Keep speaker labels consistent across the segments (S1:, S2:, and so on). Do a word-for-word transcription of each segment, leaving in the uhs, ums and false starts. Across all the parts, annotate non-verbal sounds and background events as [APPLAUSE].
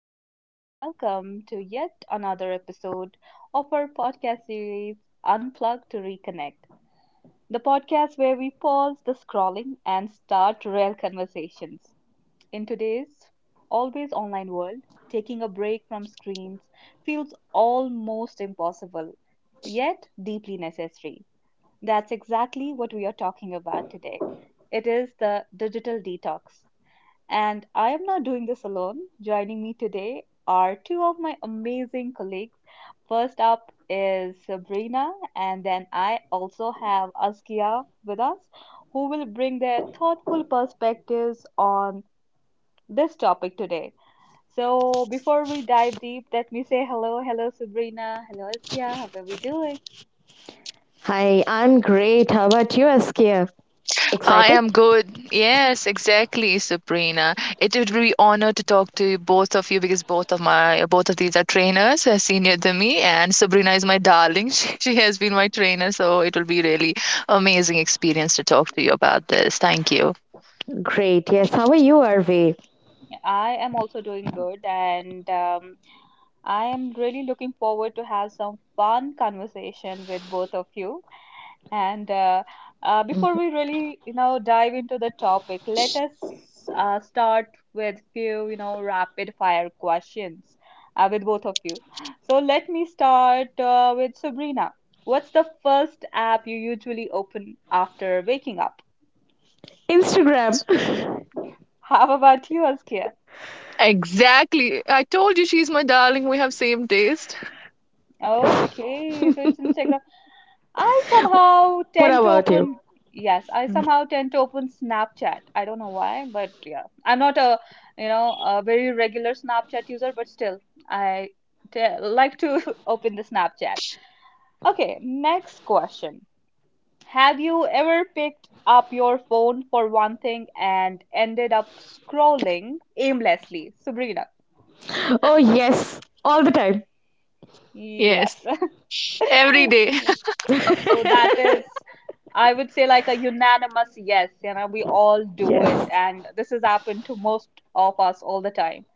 S1: and welcome to yet another episode of our podcast series, Unplug to Reconnect, the podcast where we pause the scrolling and start real conversations. In today's always online world, taking a break from screens feels almost impossible, yet deeply necessary. That's exactly what we are talking about today. It is the digital detox, and I am not doing this alone. Joining me today are two of my amazing colleagues. First up is Sabrina, and then I also have Askia with us, who will bring their thoughtful perspectives on this topic today. So, before we dive deep, let me say hello. Hello, Sabrina. Hello, Askia. How are we doing?
S2: Hi, I'm great. How about you, Askia?
S3: I
S2: Excited?
S3: am good. Yes, exactly, Sabrina. It would be honor to talk to you, both of you because both of my both of these are trainers, uh, senior than me, and Sabrina is my darling. [LAUGHS] She, she has been my trainer, so it will be really amazing experience to talk to you about this. Thank you.
S2: Great. Yes. How are you, Arvi?
S1: I am also doing good, and um, I am really looking forward to have some fun conversation with both of you. And uh, uh, before we really, you know, dive into the topic, let us uh, start with few, you know, rapid fire questions uh, with both of you. So let me start uh, with Sabrina. What's the first app you usually open after waking up?
S2: Instagram.
S1: How about you, Askia?
S3: Exactly. I told you she's my darling. We have same taste.
S1: Okay, so it's
S2: [LAUGHS]
S1: Instagram. I somehow
S2: What
S1: tend to
S2: about you?
S1: open, yes, I
S3: Mm,
S1: somehow tend to open Snapchat. I don't know why, but yeah, I'm not a, you know, a very regular Snapchat user, but still, I t- like to [LAUGHS] open the Snapchat. Okay, next question. Have you ever picked up your phone for one thing and ended up scrolling aimlessly? Sabrina.
S2: Oh, yes. All the time.
S3: yes,
S1: Yes. [LAUGHS]
S3: every day.
S1: [LAUGHS] So that is,
S2: [LAUGHS]
S1: I would say, like a unanimous yes. You know, we all do it,
S2: Yes.
S1: and this has happened to most of us all the time.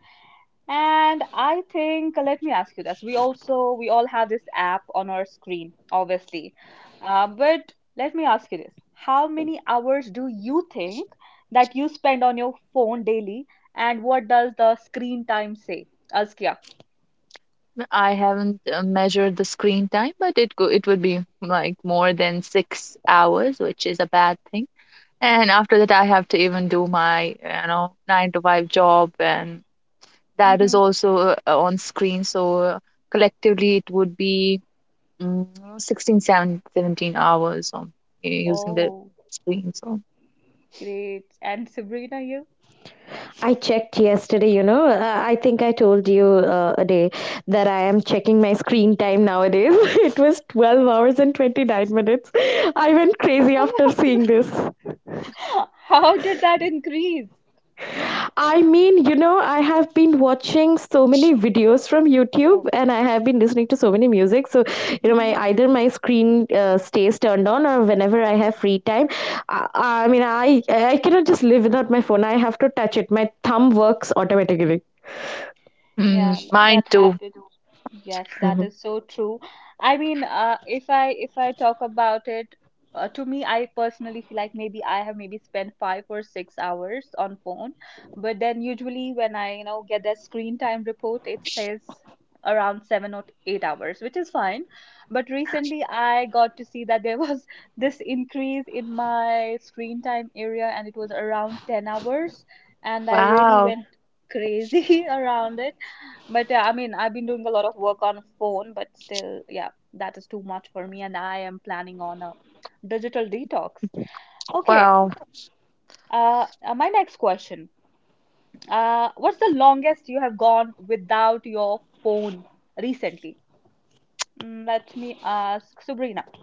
S1: And I think, let me ask you this. We also, we all have this app on our screen, obviously. Uh, but let me ask you this. How many hours do you think that you spend on your phone daily? And what does the screen time say? Askia.
S3: [LAUGHS] I haven't uh, measured the screen time, but it go, it would be like more than six hours, which is a bad thing. And after that, I have to even do my, you know, nine to five job, and that is
S1: Mm-hmm.
S3: also uh, on screen. So uh, collectively, it would be mm, sixteen, seven- seventeen hours on uh, using the
S1: Oh,
S3: screen. So
S1: great. And Sabrina, you?
S2: I checked yesterday, you know. Uh, I think I told you uh, a day that I am checking my screen time nowadays. [LAUGHS] It was twelve hours and twenty-nine minutes. I went crazy after seeing this.
S1: [LAUGHS] How did that increase?
S2: I mean, you know, I have been watching so many videos from YouTube,
S1: Okay.
S2: and I have been listening to so many music. So, you know, my
S1: Mhm.
S2: either my screen uh, stays turned on, or whenever I have free time, I, I mean, I I cannot just live without my phone. I have to touch it. My thumb works automatically.
S3: mm,
S1: Yeah, th-
S3: mine
S1: that
S3: too.
S1: happened. Yes, that
S2: Mhm.
S1: is so true. I mean, uh, if I if I talk about it, uh, to me, I personally feel like maybe I have maybe spent five or six hours on phone, but then usually when I, you know, get that screen time report, it says around seven or eight hours, which is fine. But recently, I got to see that there was [LAUGHS] this increase in my screen time area, and it was around ten hours, and I really
S3: Wow.
S1: went crazy [LAUGHS] around it, but uh, I mean, I've been doing a lot of work on phone, but still, yeah, that is too much for me, and I am planning on a digital detox. Okay,
S3: Wow.
S1: uh, uh, my next question. Uh, what's the longest you have gone without your phone recently? Mm, Let me ask Sabrina. [LAUGHS]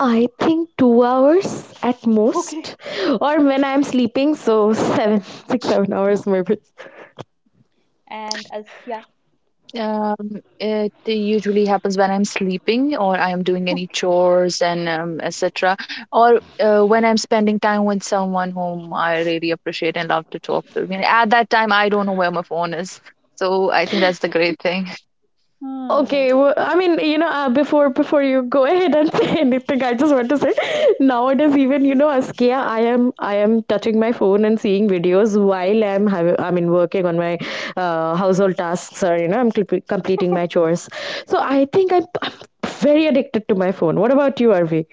S2: I think two hours at
S1: Okay.
S2: most, or when I'm sleeping, so seven, [LAUGHS] six, seven hours maybe.
S1: And Askia.
S3: Um, it usually happens when I'm sleeping or I am doing any
S1: Okay.
S3: chores and um, et cetera. Or uh, when I'm spending time with someone whom I really appreciate and love to talk to. I mean, at that time, I don't know where my phone is. So I think that's the great thing.
S1: Hmm.
S2: Okay, well, I mean, you know, uh, before before you go [LAUGHS] ahead and say [LAUGHS] anything, I just want to say, nowadays even you know, as Kia, I am I am touching my phone and seeing videos while I'm hav- I mean working on my uh, household tasks, or you know I'm clip- completing my
S1: [LAUGHS]
S2: chores. So I think I'm, I'm very addicted to my phone. What about you, Arvi?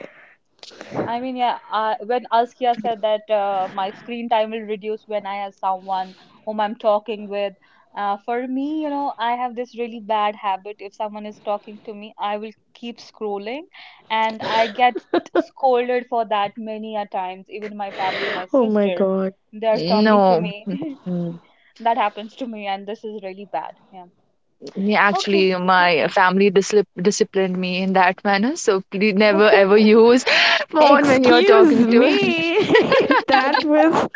S1: I mean, yeah, I, when Askia said that uh, my screen time will reduce when I have someone whom I'm talking with, uh, for me, you know, I have this really bad habit. If someone is talking to me, I will keep scrolling, and I get scolded for that many a times. Even my family, my
S2: Oh my
S1: sister,
S2: God.
S1: they're
S2: Mhm.
S1: talking to
S3: No,
S1: me. [LAUGHS]
S3: mm,
S1: That happens to me, and this is really bad. Yeah.
S3: yeah,
S1: Okay.
S3: actually, my family disli disciplined me in that manner. So please
S1: Okay.
S3: never ever use [LAUGHS] phone when you're talking
S2: Excuse
S3: to [LAUGHS]
S2: me, [LAUGHS] that was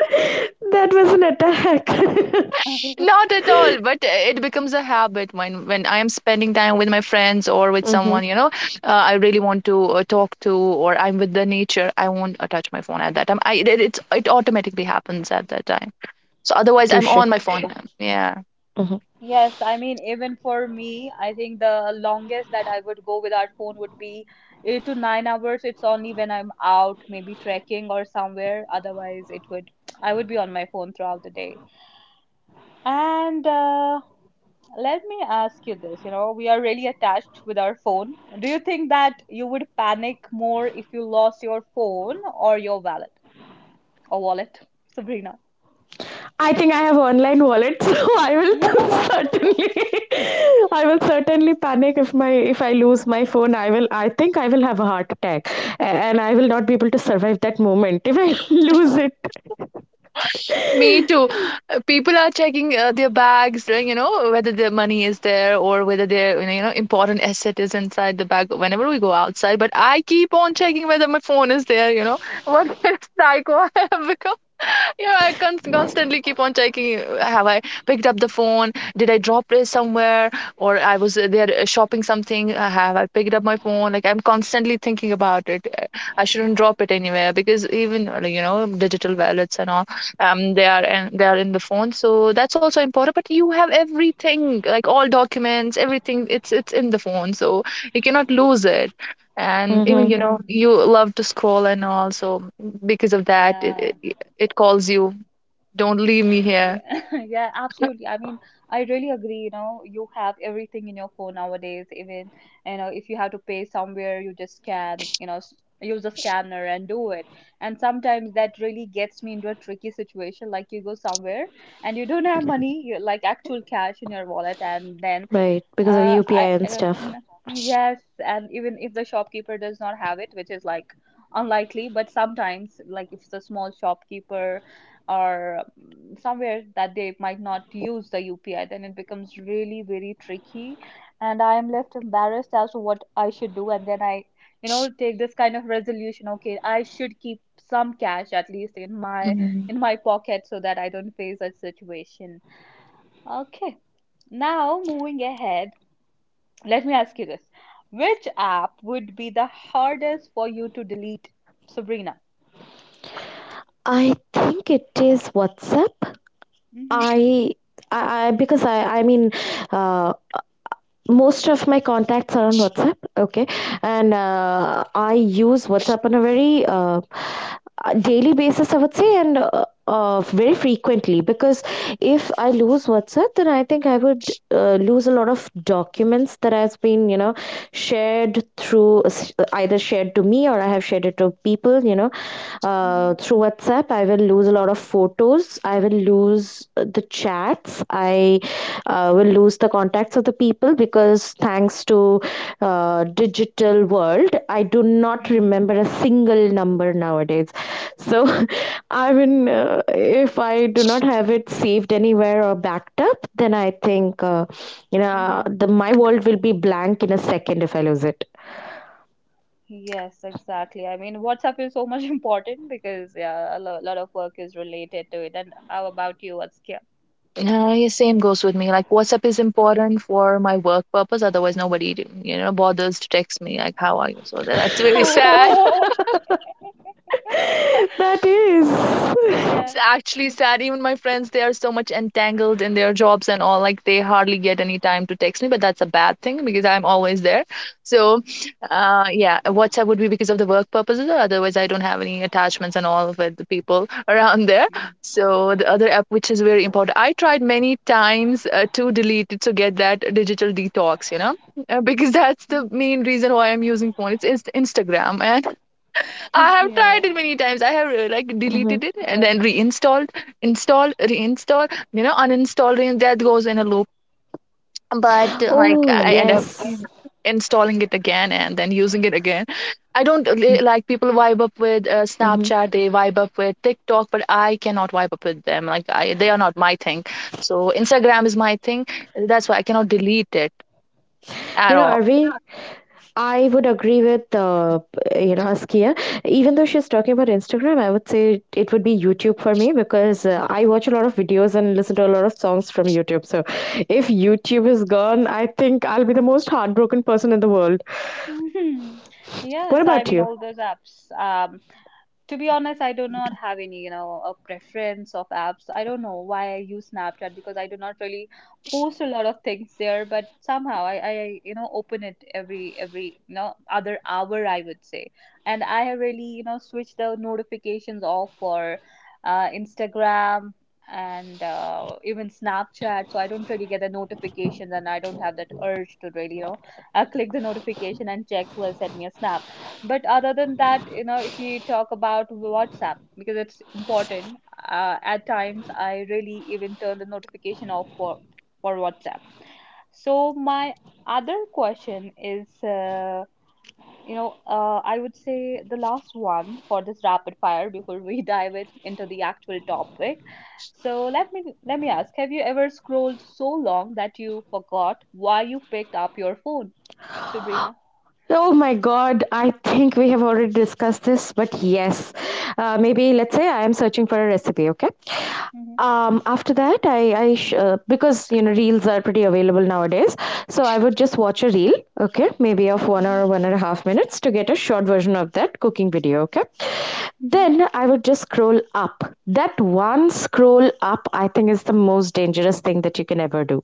S2: that was an attack.
S1: [LAUGHS]
S3: Not at all, but uh, it becomes a habit when when I am spending time with my friends or
S2: [LAUGHS]
S3: with
S2: Mm-hmm.
S3: someone, you know, uh, I really want to uh, talk to, or I'm with the nature, I won't uh, touch my phone at that time. I it, it it automatically happens at that time. So
S1: [LAUGHS]
S3: otherwise, I'm
S1: Yeah,
S2: Touche.
S3: on my phone. Yeah. um, Yeah.
S1: yes, I mean, even for me, I think the longest that I would go without phone would be eight to nine hours. It's only when I'm out, maybe trekking or somewhere. Otherwise, it would, I would be on my phone throughout the day. And uh, let me ask you this, you know, we are really attached with our phone. Do you think that you would panic more if you lost your phone or your wallet or wallet, Sabrina?
S2: I think I have online wallet, [LAUGHS] so I will [LAUGHS]
S1: [LAUGHS]
S2: certainly, [LAUGHS] I will certainly panic if my if I lose my phone. I will, I think I will have a heart attack, a- and I will not be able to survive that moment if I [LAUGHS] lose it.
S3: Me too. Uh, People are checking uh, their bags, right, you know, whether their money is there or whether their, you know, important asset is inside the bag whenever we go outside. But I keep on checking whether my phone is there, you know. [LAUGHS] What kind of psycho [LAUGHS] I have become? [LAUGHS] Yeah, I con constantly keep on checking. uh, Have I picked up the phone? Did I drop it somewhere? Or I was uh, there uh, shopping something. uh, Have I picked up my phone? Like I'm constantly thinking about it. Uh, I shouldn't drop it anywhere because even, uh, you know, digital wallets and all um they are and they are in the phone, so that's also important, but you have everything like all documents, everything, it's it's in the phone, so you cannot lose it. And even,
S2: Mm-hmm.
S3: you know,
S1: Hmm.
S3: you love to scroll and all, so because of that
S1: Yeah.
S3: it, it, it calls you, don't leave me here.
S1: Yeah, [LAUGHS] yeah, absolutely. I mean, I really agree. You know, you have everything in your phone nowadays. Even, you know, if you have to pay somewhere, you just scan, you know, s- use a scanner and do it. And sometimes that really gets me into a tricky situation. Like you go somewhere and you don't have money, you like actual cash in your wallet, and then
S2: Right, because of
S1: uh,
S2: U P I
S1: I, I
S2: and
S1: don't, you
S2: stuff.
S1: know, yes, and even if the shopkeeper does not have it, which is like unlikely, but sometimes, like if it's a small shopkeeper or um, somewhere that they might not use the U P I, then it becomes really very tricky, and I am left embarrassed as to what I should do, and then I, you know, take this kind of resolution. Okay, I should keep some cash at least in my
S3: Mhm.
S1: in my pocket so that I don't face that situation. Okay. Now, moving ahead, let me ask you this. Which app would be the hardest for you to delete, Sabrina?
S2: I think it is WhatsApp.
S1: Mm-hmm,
S2: I, I, I because I, I mean, uh, most of my contacts are on WhatsApp, okay, and uh, I use WhatsApp on a very uh, uh, daily basis, I would say, and uh, uh, very frequently, because if I lose WhatsApp, then I think I would uh, lose a lot of documents that has been you know shared through, either shared to me, or I have shared it to people, you know uh,
S1: mm-hmm,
S2: through WhatsApp. I will lose a lot of photos. I will lose uh, the chats. I uh, will lose the contacts of the people, because thanks to uh, digital world, I do not
S1: mm-hmm,
S2: remember a single number nowadays. So, [LAUGHS] I mean, uh, if I do not have it saved anywhere or backed up, then I think uh, you know
S1: mm-hmm.
S2: the my world will be blank in a second if I lose it.
S1: Yes, exactly. I mean, WhatsApp is so much [LAUGHS] important because, yeah, a lo lot of work is related to it. And how about you? What's your...
S3: Uh, yeah, same goes with me. Like WhatsApp is important for my work purpose. Otherwise, nobody, you know, bothers to text me like, "How are you?" So that, that's
S1: [LAUGHS]
S3: very [LAUGHS] sad.
S1: Oh, [LAUGHS]
S2: [LAUGHS] That
S1: that,
S2: is.
S3: It's
S1: yeah.
S3: actually sad. Even my friends, they are so much entangled in their jobs and all. Like they hardly get any time to text me, but that's a bad thing because I'm always there. So, uh, yeah, WhatsApp would be because of the work purposes. Otherwise, I don't have any attachments and all with the people [LAUGHS] around there.
S1: Mm.
S3: So the other app, which is very important, I tried many times uh, to delete it to get that digital detox, you know, uh, because [LAUGHS] that's the
S1: Mm.
S3: main
S1: [LAUGHS]
S3: reason why I'm using phone. It's, it's Instagram, and I have tried
S1: Yeah.
S3: it many times. I have uh, like deleted
S2: [LAUGHS]
S3: it and then reinstalled, installed, reinstalled, you know, uninstalled, and that goes in a loop. But uh,
S1: Mm.
S3: like
S2: Oh,
S3: I end up
S2: yes.
S3: installing it again and then using it again. I don't uh, li- like people vibe up with uh,
S2: Hmm.
S3: Snapchat, they vibe up with TikTok, but I cannot vibe up with them. Like I, they are not my thing. So Instagram is my thing. That's why I cannot delete it
S2: You
S3: at
S2: know,
S3: all.
S2: Arvi, I would agree with, uh, you know, Askia. Even though she's talking about Instagram, I would say it would be YouTube for me, because uh, I watch a lot of videos and listen to a lot of songs from YouTube. So if YouTube is gone, I think I'll be the most heartbroken person in the world.
S1: [LAUGHS]
S2: What
S1: Yes, I
S2: about
S1: mean
S2: you?
S1: all those apps. Um, To be honest, I do not have any, you know, a preference of apps. I don't know why I use Snapchat because I do not really post a lot of things there, but somehow I, I, you know, open it every every, you know, other hour, I would say. And I have really, you know, switched the notifications off for uh, Instagram and uh, even Snapchat, so I don't really get the notifications and I don't have that urge to really, you know, uh, click the notification and check who has sent me a snap. But other than that, you know, if you talk about WhatsApp, because it's important, uh, at times I really even turn the notification off for for WhatsApp. So my other question is, uh, you know, uh, I would say the last one for this rapid fire before we [LAUGHS] dive in, into the actual topic. So let me let me ask, have you ever scrolled so long that you forgot why you picked up your phone, Sabrina?
S2: Oh my God, I think we have already discussed this, but yes, uh, maybe let's say I am searching for a recipe, okay?
S1: Hmm,
S2: Um, after that, I, I sh- uh, because you know, reels are pretty available nowadays, so I would just watch a reel, okay, maybe of one or one and a half minutes to get a short version of that cooking video, okay?
S1: hmm,
S2: Then I would just scroll up. That one scroll up, I think, is the most dangerous thing that you can ever do.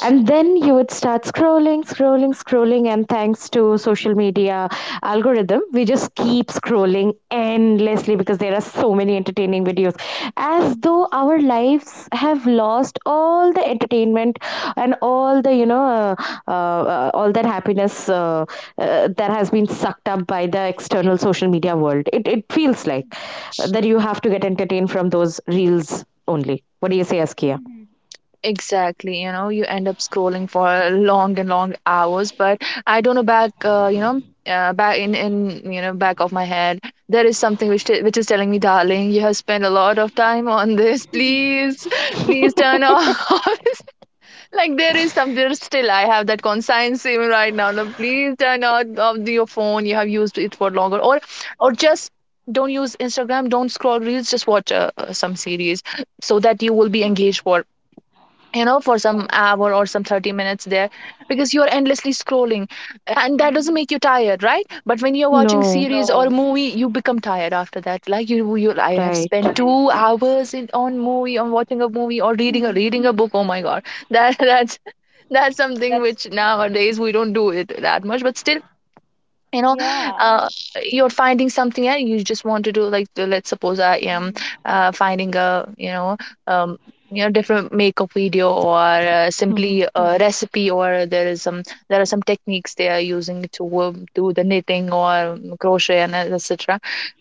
S2: And then you would start scrolling, scrolling, scrolling, and thanks to social media algorithm, we just keep scrolling endlessly because there are so many entertaining videos. As though our lives have lost all the entertainment and all the you know uh, uh, uh, all that happiness uh, uh, that has been sucked up by the external social media world. It it feels like uh, that you have to get entertained from those reels only. What do you say, Askia?
S1: hmm.
S3: Exactly, you know, you end up scrolling for long and long hours. But I don't know back, uh, you know, uh, back in in you know back of my head, there is something which t which is telling me, darling, you have spent a lot of time on this.
S1: [LAUGHS]
S3: Please, [LAUGHS] please turn off. [LAUGHS] Like there is something still. I have that conscience even right now. No, please turn out of the- your phone. You have used it for longer, or or just don't use Instagram. Don't scroll reels. Just watch uh, uh, some series so that you will be engaged for you know for some
S1: Oh.
S3: hour or some thirty minutes there because you're endlessly scrolling and that doesn't
S1: Hmm,
S3: make you tired, right? But when you're watching
S2: No,
S3: series or No, movie, you become tired after that. Like you you I have spent, right,
S2: right.
S3: two, right, hours in on movie on watching a movie or reading
S1: hmm.
S3: a reading a book. Oh my god, that [LAUGHS] that's that's something
S1: That's
S3: which nowadays we don't do it that much. But still, you know,
S1: yeah.
S3: uh, you're finding something and you just want to do, like, the- let's suppose I am
S1: Hmm,
S3: uh, finding a, you know, um, you know different makeup video or uh,
S2: Mhm.
S3: simply a recipe, or there is some, there are some techniques they are using to um, do the knitting or um, crochet and etc,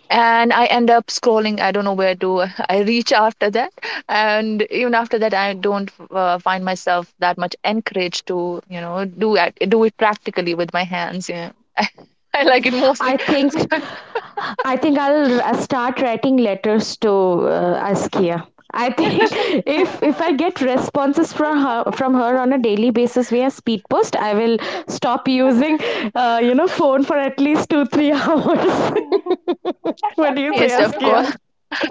S3: and I end up scrolling. I don't know where to [LAUGHS] I reach after that. And even after that, I don't uh, find myself that much encouraged to, you know, do it, do it practically with my hands. Yeah. [LAUGHS] I like it mostly.
S2: I think
S3: [LAUGHS]
S2: I think I'll r- uh, start writing letters to uh, Askia. I think [LAUGHS] if if I get responses from her from her on a daily basis via speed post, I will stop using uh, you know phone for at least two three [LAUGHS] hours.
S1: hmm.
S2: [LAUGHS] What do you say,
S1: [LAUGHS]
S3: Yes,
S1: [LAUGHS]
S3: of
S2: Askia?
S3: course.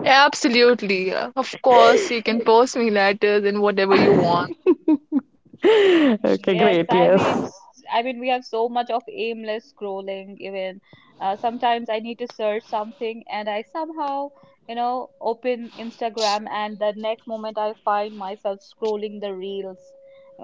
S3: Absolutely. Yeah. Of course, you can post me letters and whatever you want.
S2: [LAUGHS] Okay,
S1: Yes,
S2: great.
S1: I mean,
S2: Yes.
S1: s- I mean, we have so much of aimless scrolling. Even uh, sometimes I need to search something, and I somehow, you know, open Instagram, and the next moment I find myself scrolling the reels.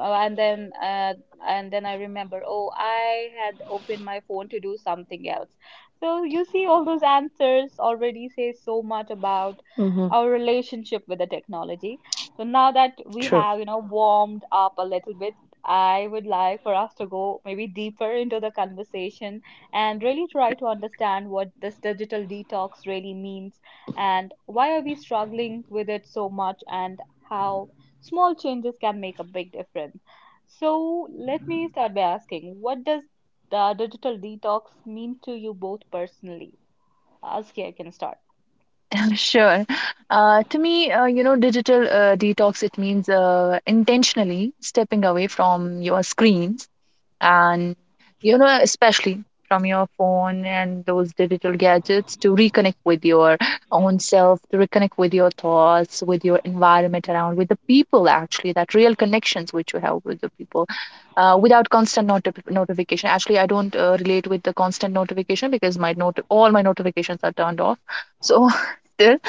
S1: Uh, and then uh, and then I remember, oh, I had opened my phone to do something else. So you see, all those answers already say so much about
S2: Mm-hmm.
S1: our relationship with the technology. So now that we
S2: True.
S1: have, you know, warmed up a little bit, I would like for us to go maybe deeper into the conversation and really try to understand what this digital detox really means and why are we struggling with it so much and how small changes can make a big difference. So let me start by asking, what does the digital detox mean to you both personally? Askia, I can start.
S3: [LAUGHS] Sure. Uh, to me, uh, you know, digital uh, detox, it means uh, intentionally stepping away from your screens, and you know, especially from your phone and those digital gadgets, to reconnect with your own self, to reconnect with your thoughts, with your environment around, with the people, actually that real connections which you have with the people uh, without constant notif- notification. Actually, I don't uh, relate with the constant notification because my, not all my notifications are turned off. So [LAUGHS]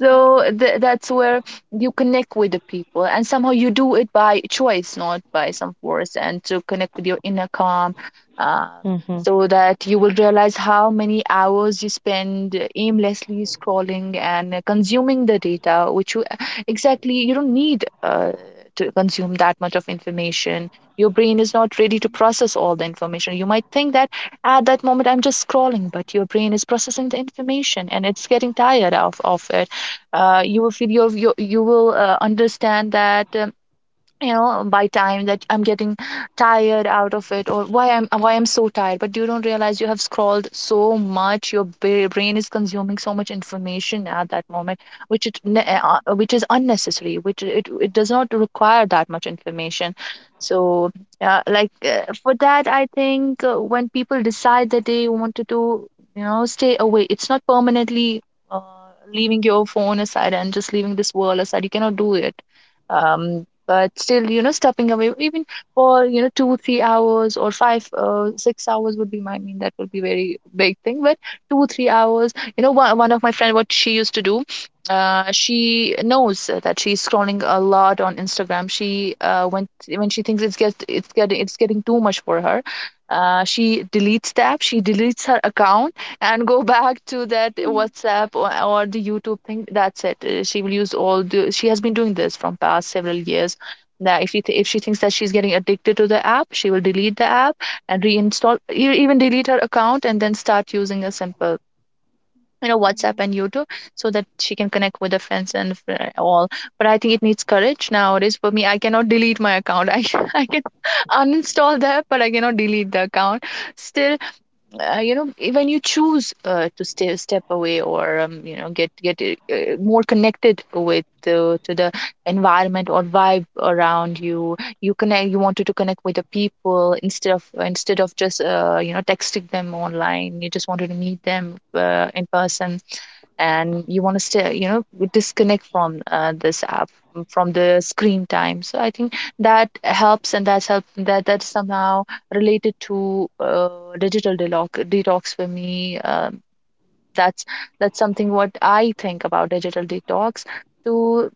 S3: so
S1: Mhm,
S3: th- that's where you connect with the people, and somehow you do it by choice, not by some force, and to connect with your inner calm, um,
S2: Mm-hmm.
S3: so that you will realize how many hours you spend aimlessly scrolling and consuming the data, which you exactly you don't need uh, to consume that much of information. Your brain is not ready to
S1: mhm,
S3: process all the information. You might think that at that moment I'm just scrolling, but your brain is processing the information and it's getting tired of of it. Uh, you will feel, you you you will uh, understand that um, you know, by time, that I'm getting tired out of it or why I'm, why I'm so tired. But you don't realize you have scrolled so much. Your bra- brain is consuming so much information at that moment which it ne-
S1: mhm,
S3: uh, uh, which is unnecessary, which it, it does not require that much information. So uh, like uh, for that, I think uh, when people decide that they wanted to, you know, stay away, it's not permanently uh, leaving your phone aside and just leaving this world aside. You cannot do it. Um, but still, you know, stepping away even for, you know, two three hours or five uh, six hours would be my, I mean that would be very big thing. But two three hours, you know, one, one of my friend, what she used to do, uh, she knows that she's scrolling a lot on Instagram. She uh, when when she thinks it's get it's getting it's getting too much for her, uh, she deletes the app. She deletes her account and go [LAUGHS] back to that
S1: hmm.
S3: WhatsApp, or, or the YouTube thing. That's it. Uh, She will use all the. She has been doing this from past several years that if she th- if she thinks that she's getting addicted to the app, she will delete the app and reinstall, e- even delete her account and then start using a simple you know WhatsApp
S1: Mhm,
S3: and YouTube so that she can connect with her friends and all. But I think it needs courage nowadays. For me, I cannot delete my account. i, [LAUGHS] I can uninstall that but I cannot delete the account still. Uh, you know, i- when you choose uh, to stay, step away, or um, you know, get get uh, more connected with uh, to the environment or vibe around you, you connect, you wanted to connect with the people instead of instead of just uh, you know, texting them online, you just wanted to meet them uh, in person, and you want to stay, you know, disconnect from uh, this app, mm, from the screen time. So I think that helps, and that's help that that's somehow related to uh, digital detox detox for me. Um, that's that's something what I think about digital detox. So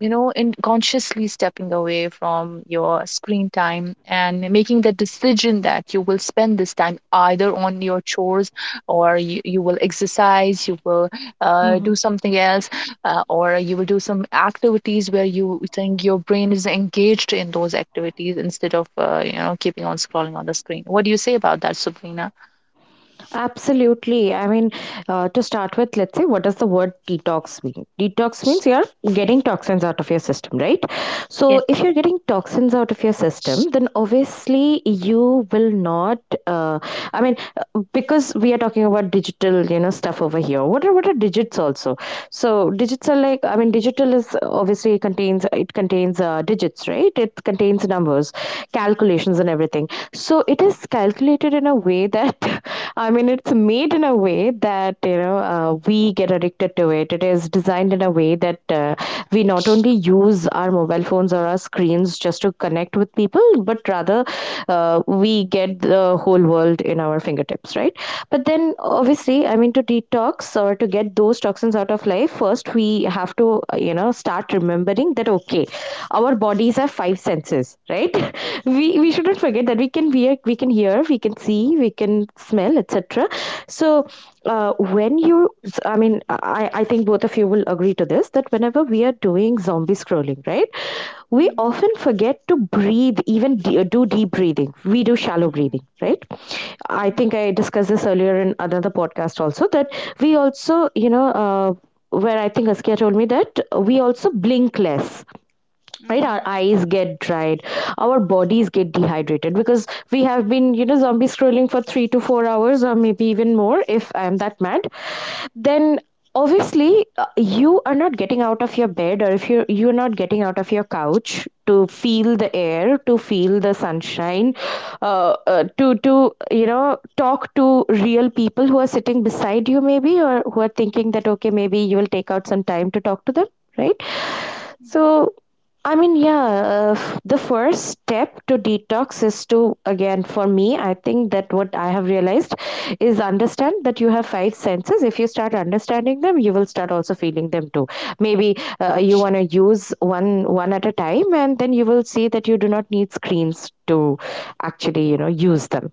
S3: you know, in consciously stepping away from your screen time and making the decision that you will spend this time either on your chores, or you, you will exercise, you will uh,
S2: Mm-hmm.
S3: do something else, uh, or you will do some activities where you think your brain is engaged in those activities instead of, uh, you know, keeping on scrolling on the screen. What do you say about that, Subrina?
S2: Absolutely. I mean, uh, to start with, let's say, what does the word detox mean? Detox means you're getting toxins out of your system, right?
S3: Yeah.
S2: So, if you're getting toxins out of your system, then obviously you will not. Uh, I mean, uh, because we are talking about digital, you know, stuff over here. What are what are digits also? So, digits are like. I mean, digital is obviously contains it contains uh, digits, right? It contains numbers,
S1: mhm,
S2: calculations, and everything. So, it is calculated in a way that [LAUGHS] I mean, it's made in a way that you know uh, we get addicted to it. It is designed in a way that uh, we not only use our mobile phones or our screens just to connect with people, but rather uh, we get the whole world in our fingertips, right? But then, obviously, I mean, to detox or to get those toxins out of life, first we have to uh, you know start remembering that, okay, our bodies have five senses, right? [LAUGHS] we we
S1: mhm,
S2: shouldn't forget that we can hear, we can hear we can see, we can smell, etc. So uh, when you i mean i i think both of you will agree to this, that whenever we are doing zombie scrolling, right, we
S1: mhm,
S2: often forget to breathe, even de- do deep breathing, we do shallow
S1: mhm,
S2: breathing, right? I think
S1: mhm,
S2: I discussed this earlier in another podcast also, that we also you know uh, where I think Askia told me that we also blink less, right? Our
S1: mhm,
S2: eyes get dried, our bodies get dehydrated, because we have been you know zombie scrolling for three to four hours, or maybe even more. If I am that mad, then obviously uh, you are not getting out of your bed, or if you you're not getting out of your couch to feel the air, to feel the sunshine, uh, uh, to to you know talk to real people who are sitting beside you, maybe, or who are thinking that, okay, maybe you will take out some time to talk to them, right?
S1: mhm.
S2: So, I mean, yeah, uh, f- the first step to detox is to, again, for me, I think that what I have realized is understand that you have five senses. If you start understanding them, you will start also feeling them too. Maybe uh, you want to use one one at a time, and then you will see that you do not need screens to actually, you know, use them.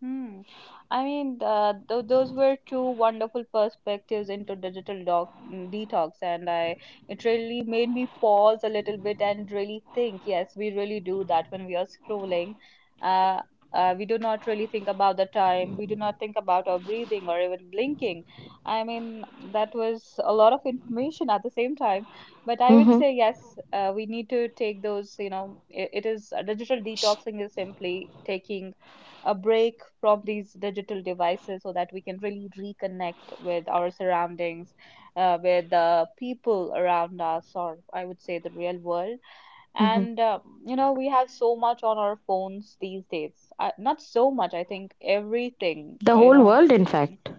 S1: Hmm. I mean, uh, th those were two wonderful perspectives into digital doc, mm, detox, and I it really made me pause a little bit and really think. Yes, we really do that when we are scrolling. Uh, uh, we do not really think about the time. We do not think about our breathing or even blinking. I mean, that was a lot of information at the same time. But I would
S2: Hmm.
S1: say yes, uh, we need to take those. You know, I it is uh, digital detoxing is simply taking a break from these digital devices so that we can really reconnect with our surroundings, uh, with the people around us, or I would say the real world.
S2: Hmm.
S1: And uh, you know, we have so much on our phones these days. Uh, not so much, I think everything,
S2: The
S1: uh, you
S2: whole
S1: know,
S2: world, in fact.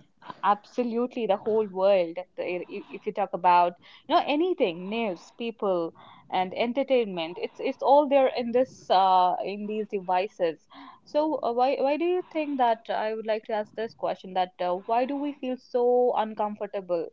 S1: absolutely the whole world. The- i- If you talk about, you know, anything, news, people, and entertainment, it's it's all there in this uh, in these devices. So uh, why why do you think that uh, I would like to ask this question that uh, why do we feel so uncomfortable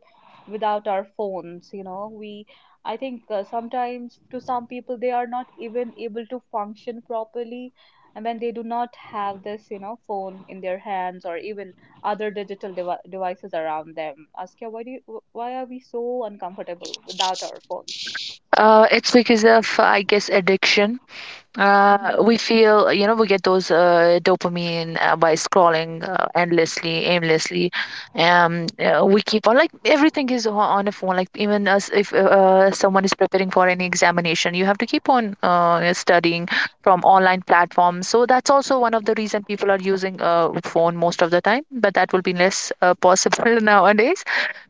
S1: without our phones? You know, we I think uh, sometimes to some people they are not even able to function properly and when they do not have this, you know, phone in their hands or even other digital devi devices around them. Askia, why do you, wh- why are we so uncomfortable without our phones?
S3: Uh, it's because of, I guess, addiction.
S1: Hmm.
S3: Uh, we feel, you know, we get those uh, dopamine uh, by scrolling uh, endlessly, aimlessly. Um, uh, we keep on, like, everything is on, on a phone. Like even us, if uh, uh, someone is preparing for any examination, you have to keep on uh, studying from online platforms. So that's also one of the reason people are using uh, phone most of the time. But that will be less uh, possible [LAUGHS] nowadays.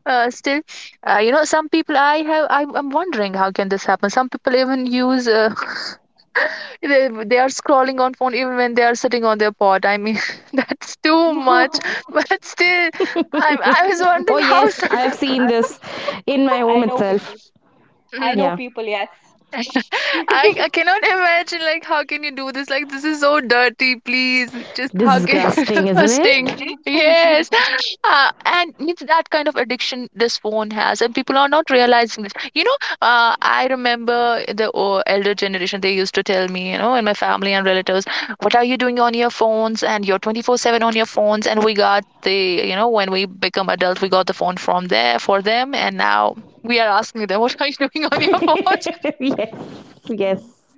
S3: Uh, still, uh, you know, some people I have I'm, I'm wondering how can this happen. Some people even use. Uh, [LAUGHS] they, they are scrolling on phone even when they are sitting on their pot, I mean, [LAUGHS] that's too much.
S1: [LAUGHS]
S3: [LAUGHS] But still i i
S2: [LAUGHS]
S3: was wondering
S2: Oh
S3: how
S2: yes,
S3: should.
S2: I have seen this in my
S1: I
S2: home
S1: know
S2: itself.
S1: people. I
S3: Mm.
S1: know
S2: Yeah.
S1: people, yes.
S3: [LAUGHS]
S1: [LAUGHS]
S3: I, I cannot imagine, like, how can you do this? Like, this is so dirty. Please, just, how can you do
S2: Disgusting,
S3: [LAUGHS] a
S2: isn't
S3: stink?
S2: it?
S3: Yes. Yeah, and means that kind of addiction this phone has, and people are not realizing this. You know, uh, I remember the o- elder generation, they used to tell me, you know, and my family and relatives, what are you doing on your phones? And you're twenty four seven on your phones. And we got the, you know, when we become adult, we got the phone from there for them. And now we are asking them, what are you [LAUGHS] doing on your phone?
S2: [LAUGHS] Yes,
S1: Mhm.
S2: yes.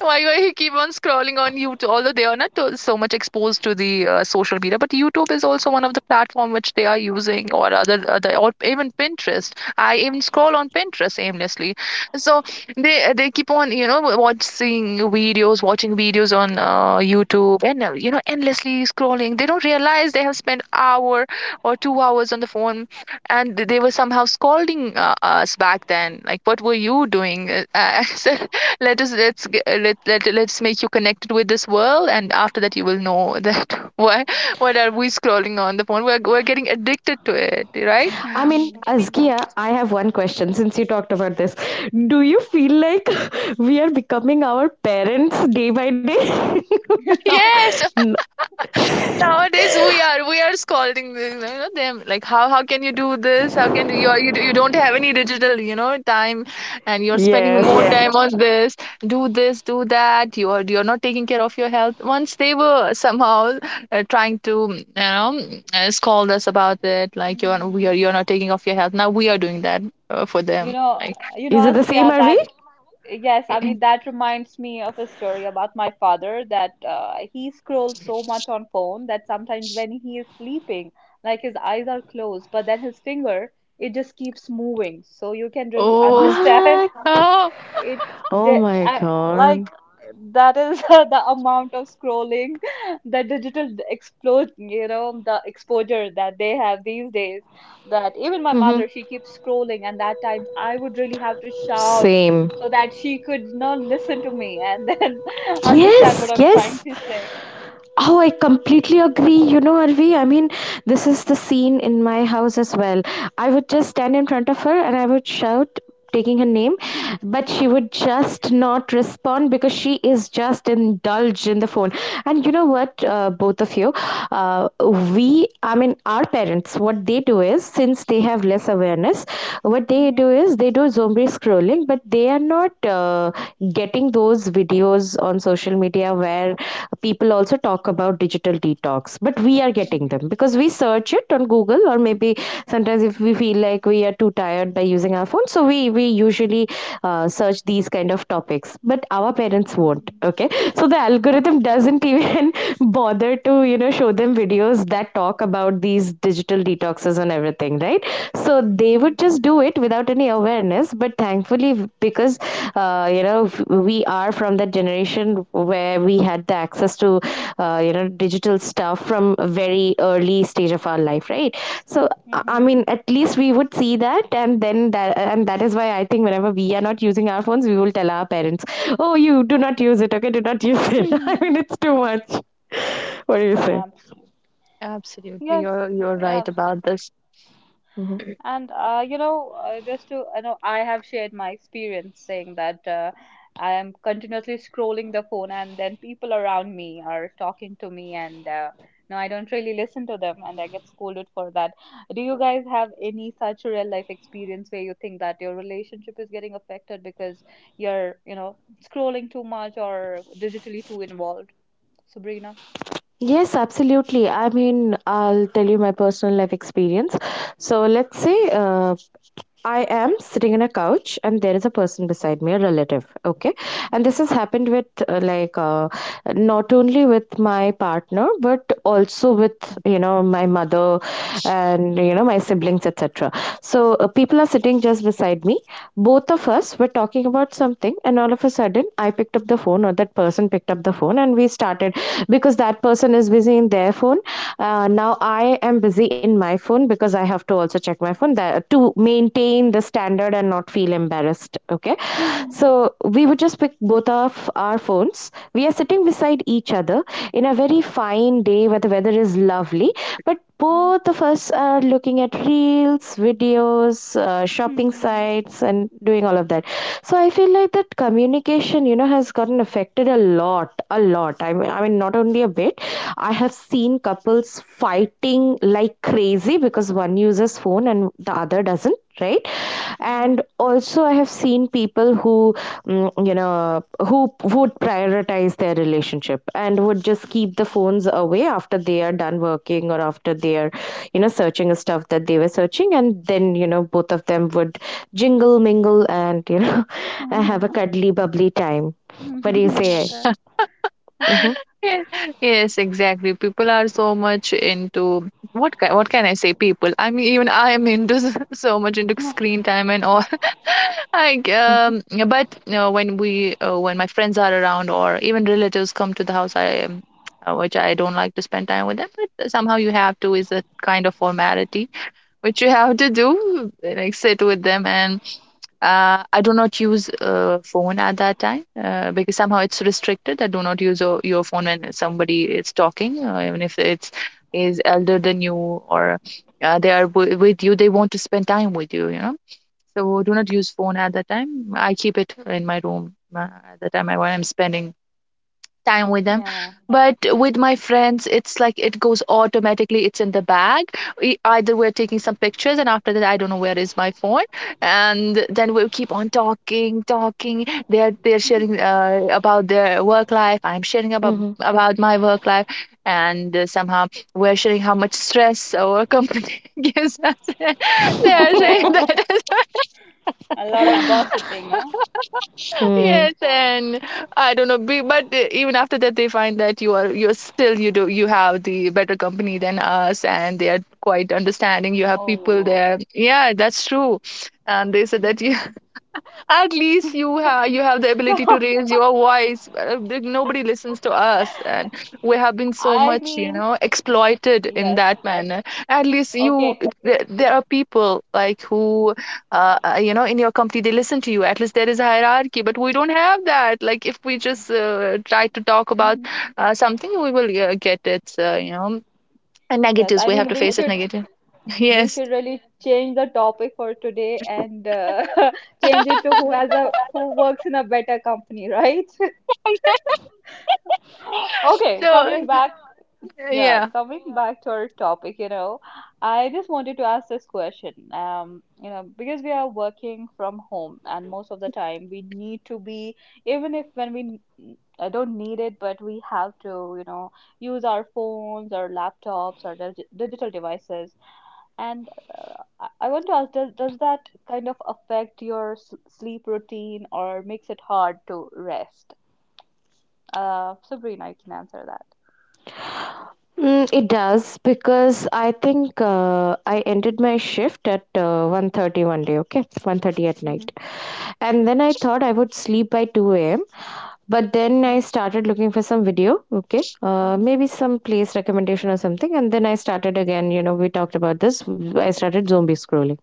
S3: why Why you keep on scrolling on YouTube? Although they are not to- so much exposed to the uh, social media, but YouTube is also one of the platform which they are using, or other, other or even Pinterest. I even scroll on Pinterest aimlessly, so they they keep on, you know, watching videos, watching videos on uh, YouTube, and uh, you know, endlessly scrolling. They don't realize they have spent hour or two hours on the phone, and th- they were somehow scolding uh, us back then, like, what were you doing? Uh, [LAUGHS] I said, let us let's g- uh, let, let let's make you connected with this world, and after that you will know that [LAUGHS] why, what are we scrolling on the phone? We're, we're getting addicted to it, right?
S2: I mean,
S1: Mm,
S3: [LAUGHS]
S1: mm,
S2: Azkia, I have one question since you talked about this. Do you feel like [LAUGHS] we are becoming our parents day by day? [LAUGHS] No.
S3: Yes.
S2: N-
S3: Nowadays we are we are scolding the- you know, them, like, how how can you do this? How can you you, do- You don't have any digital, you know, time, and you're spending more. Yeah.
S2: Yes.
S3: Time on this, do this, do that. You are you're not taking care of your health. Once they were somehow uh, trying to, you know, uh, scold us about it, like, you're we are,
S1: mhm.
S3: you're not taking off your health. Now we are doing that uh, for
S1: You
S3: them,
S1: know,
S3: like,
S1: you know,
S2: Is it the same,
S1: Askia,
S2: are we?
S1: that yes, I mean that reminds me of a story about my father that uh, he scrolls so much on phone that sometimes when he is sleeping, like his eyes are closed, but then his finger it just keeps moving, so you can really [LAUGHS]
S3: oh,
S1: understand
S2: What?
S3: oh
S1: it,
S2: Oh
S1: de
S2: my
S1: I
S2: God.
S1: like that is [LAUGHS] the amount of scrolling, the digital explode, you know, the exposure that they have these days. That even my
S2: Mm-hmm.
S1: mother, she keeps scrolling, and that times I would really have to shout
S2: Same.
S1: so that she could, you know, listen to me and then [LAUGHS] understand what
S2: Yes,
S1: I'm trying
S2: yes.
S1: to say.
S2: Oh, I completely agree. You know, Arvi, I mean, this is the scene in my house as well. I would just stand in front of her and I would shout, taking her name,
S1: [LAUGHS] Hmm,
S2: but she would just not respond because she is just indulged in the phone. And you know what, uh, both of you, uh, we, I mean, our parents, what they do is, since they have less awareness, what they
S1: hmm,
S2: do is they do zombie scrolling, but they are not uh, getting those videos on social media where people also talk about digital detox, but we are getting them because we search it on Google, or maybe sometimes if we
S1: hmm.
S2: feel like we are too tired by using our phone, so we we usually uh, search these kind of topics, but our parents won't, okay? So the algorithm doesn't [LAUGHS] even [LAUGHS] bother to you know show them videos that talk about these digital detoxes and everything, right? So they
S1: Mm-hmm.
S2: would just do it without any awareness, but thankfully, because uh, you know we are from that generation where we had the access to uh, you know digital stuff from a very early stage of our life, right? So I
S1: Mm-hmm.
S2: mean, at least we would see that, and then that and that is why I think whenever we are not using our phones, we will tell our parents, oh, you do not use it, okay, do not use it, [LAUGHS] I
S1: Mm-hmm.
S2: mean, it's too much. [LAUGHS] What do you
S1: [LAUGHS]
S2: say?
S1: Absolutely.
S3: absolutely,
S1: Yes.
S3: you're you're right
S1: Yeah.
S3: about this.
S2: Hmm.
S1: And uh, you know, uh, just to you know, I have shared my experience saying that uh, I am continuously scrolling the phone, and then people around me are talking to me, and uh, no, I don't really listen to them, and I get scolded for that. Do you guys have any such real life experience where you think that your relationship is getting affected because you're, you know, scrolling too much or digitally too involved? Sabrina?
S2: Yes, absolutely. I mean, I'll tell you my personal life experience. So, let's say uh, I am sitting in a couch and there is a person beside me, a relative. Okay. And this has happened with uh, like uh, not only with my partner, but also with, you know, my mother and, you know, my siblings, et cetera. So, uh, people are sitting just beside me. Both of us were talking about something and all of a sudden I picked up the phone, or that person picked up the phone, and we started because that person is busy in their phone. Uh, now I am busy in my phone because I have to also check my phone, that, to maintain the standard and not feel embarrassed. Okay,
S1: Mm-hmm. [LAUGHS]
S2: so we would just pick both of our phones. We are sitting beside each other in a very fine day where the weather is lovely, but both of us are looking at reels, videos, uh, shopping
S1: Mm-hmm.
S2: sites, and doing all of that. So I feel like that communication, you know, has gotten affected a lot, a lot. I mean i mean, not only a bit. I have seen couples fighting like crazy because one uses phone and the other doesn't, right?
S1: Mm-hmm.
S2: And also I have seen people who mm, you know, who would prioritize their relationship and would just keep the phones away after they are done working, or after they are, you know, searching the stuff that they were searching, and then, you know, both of them would jingle mingle and, you know, [LAUGHS] have a
S1: Mm-hmm. [LAUGHS]
S2: cuddly bubbly time. What do you
S1: Mhm.
S2: say?
S1: Okay.
S2: Mm-hmm,
S1: [LAUGHS]
S3: [LAUGHS] Yes, yes, exactly. People are so much into, what can, what can I say? People. I mean, even I am into s- [LAUGHS] so much into screen time and all. [LAUGHS] Like, um, but you know, when we uh, when my friends are around, or even relatives come to the house, I, um, uh, which I don't like to spend time with them. But somehow you have to, is a kind of formality which you have to do, like sit with them and uh, I do not use uh, phone at that time uh, because somehow it's restricted. I do not use your your phone when somebody is talking, uh, even if it's is elder than you, or uh, they are w- with you, they want to spend time with you, you know, so do not use phone at that time. I keep it in my room, uh, at the time I, when I'm spending time with them.
S1: Yeah.
S3: But with my friends, it's like it goes automatically, it's in the bag. E- either we're taking some pictures and after that I don't know where is my phone, and then we'll keep on talking talking, they're they're sharing
S1: [LAUGHS]
S3: uh, about their work life, I'm sharing about
S2: mm-hmm,
S3: about my work life, and uh, somehow we're sharing how much stress our company [LAUGHS] gives us. [LAUGHS] They're sharing
S1: Oh,
S3: that as well.
S1: a lot of gossiping, huh?
S2: mm-hmm.
S3: Yes,
S2: [LAUGHS]
S3: and I don't know, be, but uh, even after that, they find that you are you're still, you do you have the better company than us, and they are quite understanding. You have people
S1: Oh.
S3: there. Yeah, that's true. And they said that
S1: Mhm.
S3: at least you
S1: [LAUGHS]
S3: have you have the
S1: So,
S3: ability to raise your voice. Uh, th- Nobody listens to us, and we have been so
S1: I
S3: much, you
S1: mean,
S3: know, exploited in
S1: yes.
S3: that manner. At least you,
S1: Okay.
S3: there, there are people like who, uh, uh, you know, in your company, they listen to you. At least there is a hierarchy, but we don't have that. Like if we just uh, try to talk about
S1: Mhm.
S3: uh, something, we will uh, get its, uh, you know, uh,
S1: Yes,
S3: negatives.
S1: I
S3: We have
S1: mean
S3: to
S1: we
S3: face it
S1: should
S3: negative. [LAUGHS]
S1: we
S3: Yes.
S1: should really change the topic for today and uh, [LAUGHS] change it to who has a who works in a better company, right? [LAUGHS] Okay,
S3: So
S1: coming back. Yeah.
S3: yeah,
S1: Coming. Yeah. Back to our topic, you know, I just wanted to ask this question. Um, you know, because we are working from home, and most of the time we need to be, even if when we n- uh, don't need it, but we have to, you know, use our phones or laptops or dig digital devices. And uh, I I want to ask, does, does that kind of affect your s sleep routine or makes it hard to rest? Uh, Sabrina, you can answer that.
S2: Mm, it does, because I think uh, I ended my shift at uh, one thirty day, okay? One thirty at night.
S1: Mm-hmm.
S2: And then I thought I would sleep by two a m. But then I started looking for some video, okay? Uh,
S1: Mm-hmm.
S2: maybe some place recommendation or something. And then I started again, you know, we talked about this. I started zombie scrolling.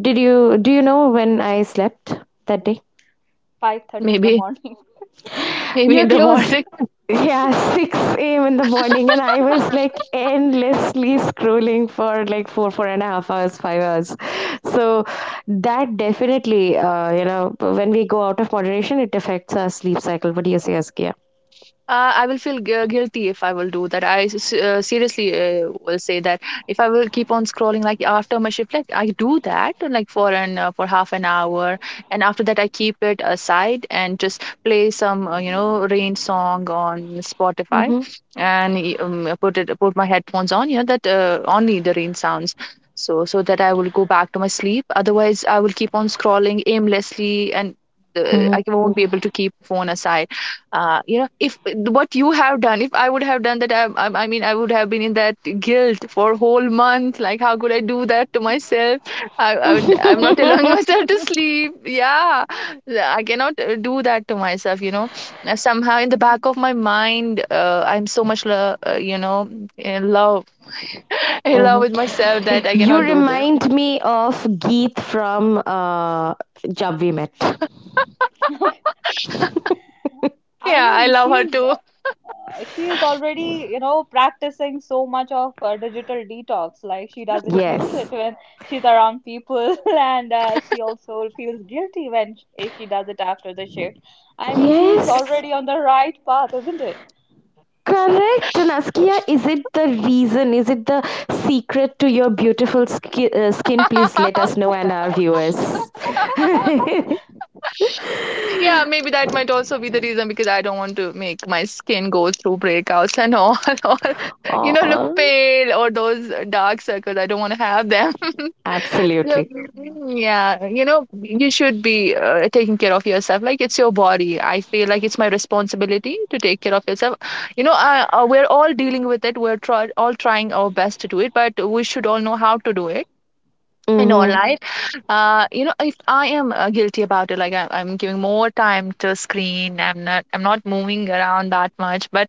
S2: Did you, do you know when I slept that day?
S1: five thirty in the
S3: maybe
S1: morning.
S3: maybe
S2: You're
S3: in the [LAUGHS]
S2: close.
S3: morning.
S2: Yeah, [LAUGHS] six a m in the morning, and I was like endlessly scrolling for like four, four and a half hours, five hours. So that definitely, uh, you know, when we go out of moderation, it affects our sleep cycle. What do you say, Askia?
S3: Uh, I will feel gu- guilty if I will do that. I s- uh, seriously uh, will say that if I will keep on scrolling, like after my shift, like I do that uh, like for an uh, for half an hour, and after that I keep it aside and just play some uh, you know, rain song on Spotify,
S2: Mm-hmm.
S3: and y- um, I put it put my headphones on. Yeah, that uh, only the rain sounds. So so that I will go back to my sleep. Otherwise, I will keep on scrolling aimlessly, and Uh, I won't be able to keep phone aside. Uh, you know, if what you have done, if I would have done that, I, I, I mean, I would have been in that guilt for a whole month, like how could I do that to myself? i, I would, I'm not allowing [LAUGHS]
S2: Mm-hmm. [LAUGHS]
S3: myself to sleep. Yeah, I cannot uh, do that to myself, you know. Uh, somehow in the back of my mind, uh, I'm so much lo- uh, you know, in love, in love
S2: Hmm.
S3: with myself that I
S2: You
S3: cannot do this.
S2: remind me of Geet from uh, Jab We Met.
S1: [LAUGHS] Okay. I
S3: Yeah, I
S1: mean,
S3: love
S1: she
S3: her
S1: is
S3: too.
S1: uh, she is already, you know, practicing so much of uh, digital detox. Like she doesn't use it
S2: Yes.
S1: when she's around people, [LAUGHS] and uh, she also feels guilty when sh- if she does it after the shift. I mean, she is
S2: Yes.
S1: already on the right path, isn't it?
S2: Correct, Naskia. Is it the reason? Is it the secret to your beautiful skin? Uh, skin? Please let us know, and our viewers.
S3: Yeah,
S2: [LAUGHS]
S3: maybe that might also be the reason, because I don't want to make my skin go through breakouts and all, [LAUGHS] or you know, look
S2: Oh,
S3: pale or those dark circles. I don't want to have them. [LAUGHS] So,
S2: absolutely.
S1: Mm.
S3: yeah, you know, you should be uh, taking care of yourself. Like, it's your body. I feel like it's my responsibility to take care of yourself. You know, I, uh, we're all dealing with it. We're try all trying our best to do it, but we should all know how to do it. I know,
S2: Mm-hmm.
S1: Mm-hmm.
S3: right? Uh, you know, if I am uh, guilty about it, like I, I'm giving more time to screen, I'm not, I'm not moving around that much, but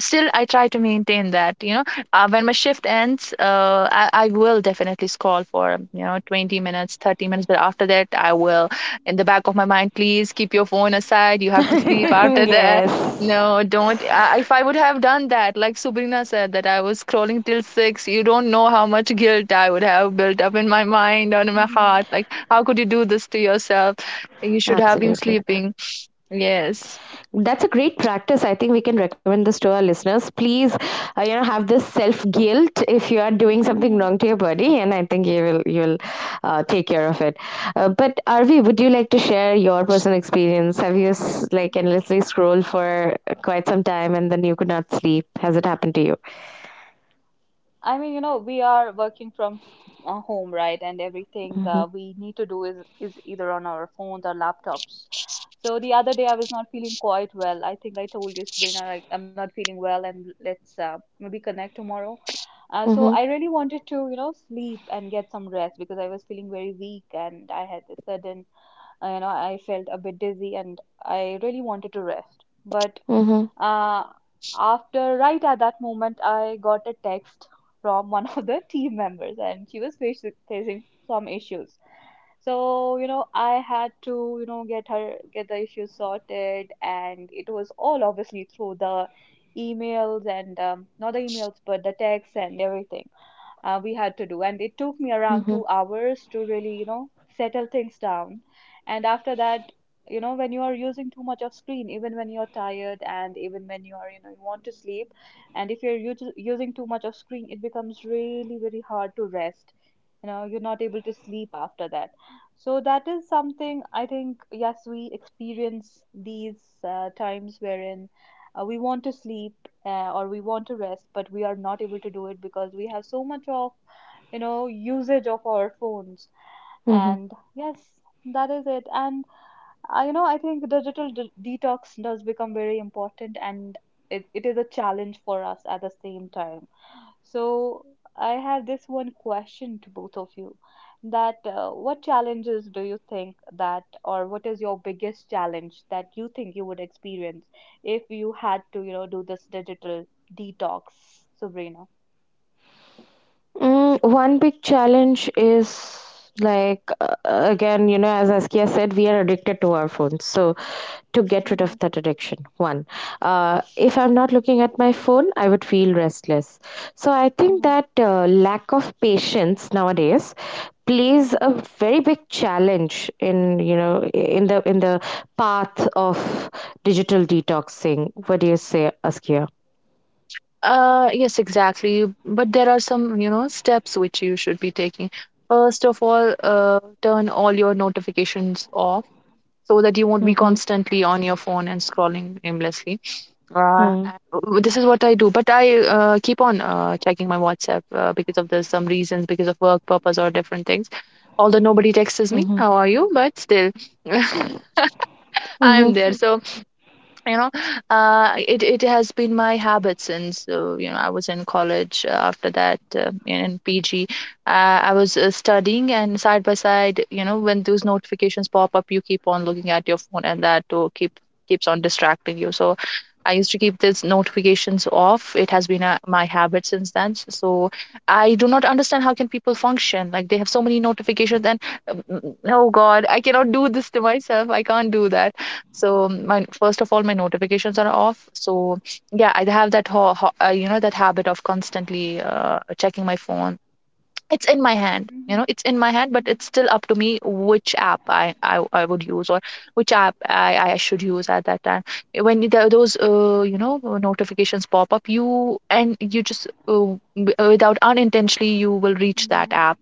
S3: still, I try to maintain that. You know, uh, when my shift ends, uh, I, I will definitely scroll for, you know, twenty minutes, thirty minutes, but after that, I will in the back of my mind, please keep your phone aside. You have to sleep after
S2: [LAUGHS]
S3: that. [LAUGHS]
S2: Yes,
S3: No, don't. I, if I would have done that, like Sabrina said, that I was scrolling till six, you don't know how much guilt I would have built up in my mind or in my
S1: Mm-hmm.
S3: heart. Like, how could you do this to yourself? You should have been
S2: absolutely.
S3: sleeping. Yes.
S2: That's a great practice. I think we can recommend this to our listeners. Please, uh, you know, have this self guilt if you are doing something
S1: Mm-hmm.
S2: wrong to your body, and I think you will you will uh, take care of it. Uh, but Arvi, would you like to share your personal experience? Have you s- like endlessly scrolled for quite some time and then you could not sleep? Has it happened to you?
S1: I mean, you know, we are working from uh, home, right? And everything
S2: Mm-hmm.
S1: uh, we need to do is is either on our phones or laptops. So the other day I was not feeling quite well. I think I told you, Sabrina, I, I'm not feeling well, and let's uh, maybe connect tomorrow. Uh, so
S2: Mm-hmm.
S1: I really wanted to, you know, sleep and get some rest because I was feeling very weak and I had a sudden, uh, you know, I felt a bit dizzy and I really wanted to rest. But
S2: Mm-hmm.
S1: uh, after right at that moment, I got a text from one [LAUGHS] of the team members, and she was faci- facing some issues. So, you know, I had to, you know, get her get the issue sorted, and it was all obviously through the emails and um, not the emails, but the texts and everything uh, we had to do. And it took me around
S2: Mm-hmm.
S1: two hours to really, you know, settle things down. And after that, you know, when you are using too much of screen, even when you're tired and even when you are, you know, you want to sleep, and if you're u using too much of screen, it becomes really very hard to rest. You know, you're not able to sleep after that. So that is something I think, yes, we experience these uh, times wherein uh, we want to sleep uh, or we want to rest but we are not able to do it because we have so much of you know usage of our phones,
S2: Mm-hmm.
S1: and yes, that is it. And uh, you know I think digital de- detox does become very important, and it, it is a challenge for us at the same time. So, I have this one question to both of you that uh, what challenges do you think that, or what is your biggest challenge that you think you would experience if you had to, you know, do this digital detox, Sabrina?
S2: Mm, one big challenge is like uh, again, you know, as Askia said, we are addicted to our phones, so to get rid
S1: Mm-hmm.
S2: of that addiction, one, uh, if I'm not looking at my phone I would feel restless. So I think
S1: Mm-hmm.
S2: that uh, lack of patience nowadays plays
S1: Mm-hmm.
S2: a very big challenge in, you know, in the in the path of digital detoxing. What do you say, Askia?
S3: Uh, yes, exactly. But there are some, you know, steps which you should be taking. First of all, uh, turn all your notifications off so that you won't be
S2: Mhm,
S3: constantly on your phone and scrolling aimlessly. Uh,
S2: mhm,
S3: and this is what I do, but I uh, keep on uh, checking my WhatsApp uh, because of there's some reasons, because of work purpose or different things. Although nobody texts me,
S2: mhm,
S3: how are you? But still, [LAUGHS] I'm there. So you know, uh, it it has been my habit since uh, you know, I was in college, uh, after that uh, in P G, uh, I was uh, studying, and side by side, you know, when those notifications pop up, you keep on looking at your phone, and that too keep keeps on distracting you. So I used to keep these notifications off. It has been a, my habit since then. S- So I do not understand how can people function. Like, they have so many notifications, and um, oh God, I cannot do this to myself. I can't do that, so my first of all, my notifications are off. So yeah, I have that ho- ho- uh, you know, that habit of constantly uh, checking my phone. It's in my hand, you
S1: Mm-hmm.
S3: know, it's in my hand, but
S1: Mm-hmm.
S3: it's still up to me which app i i, I would use or which app i i should use at that time. When the, those uh, you know, uh, notifications pop up, you and you just uh, w- uh, without unintentionally, you will reach that
S1: Mm-hmm.
S3: app,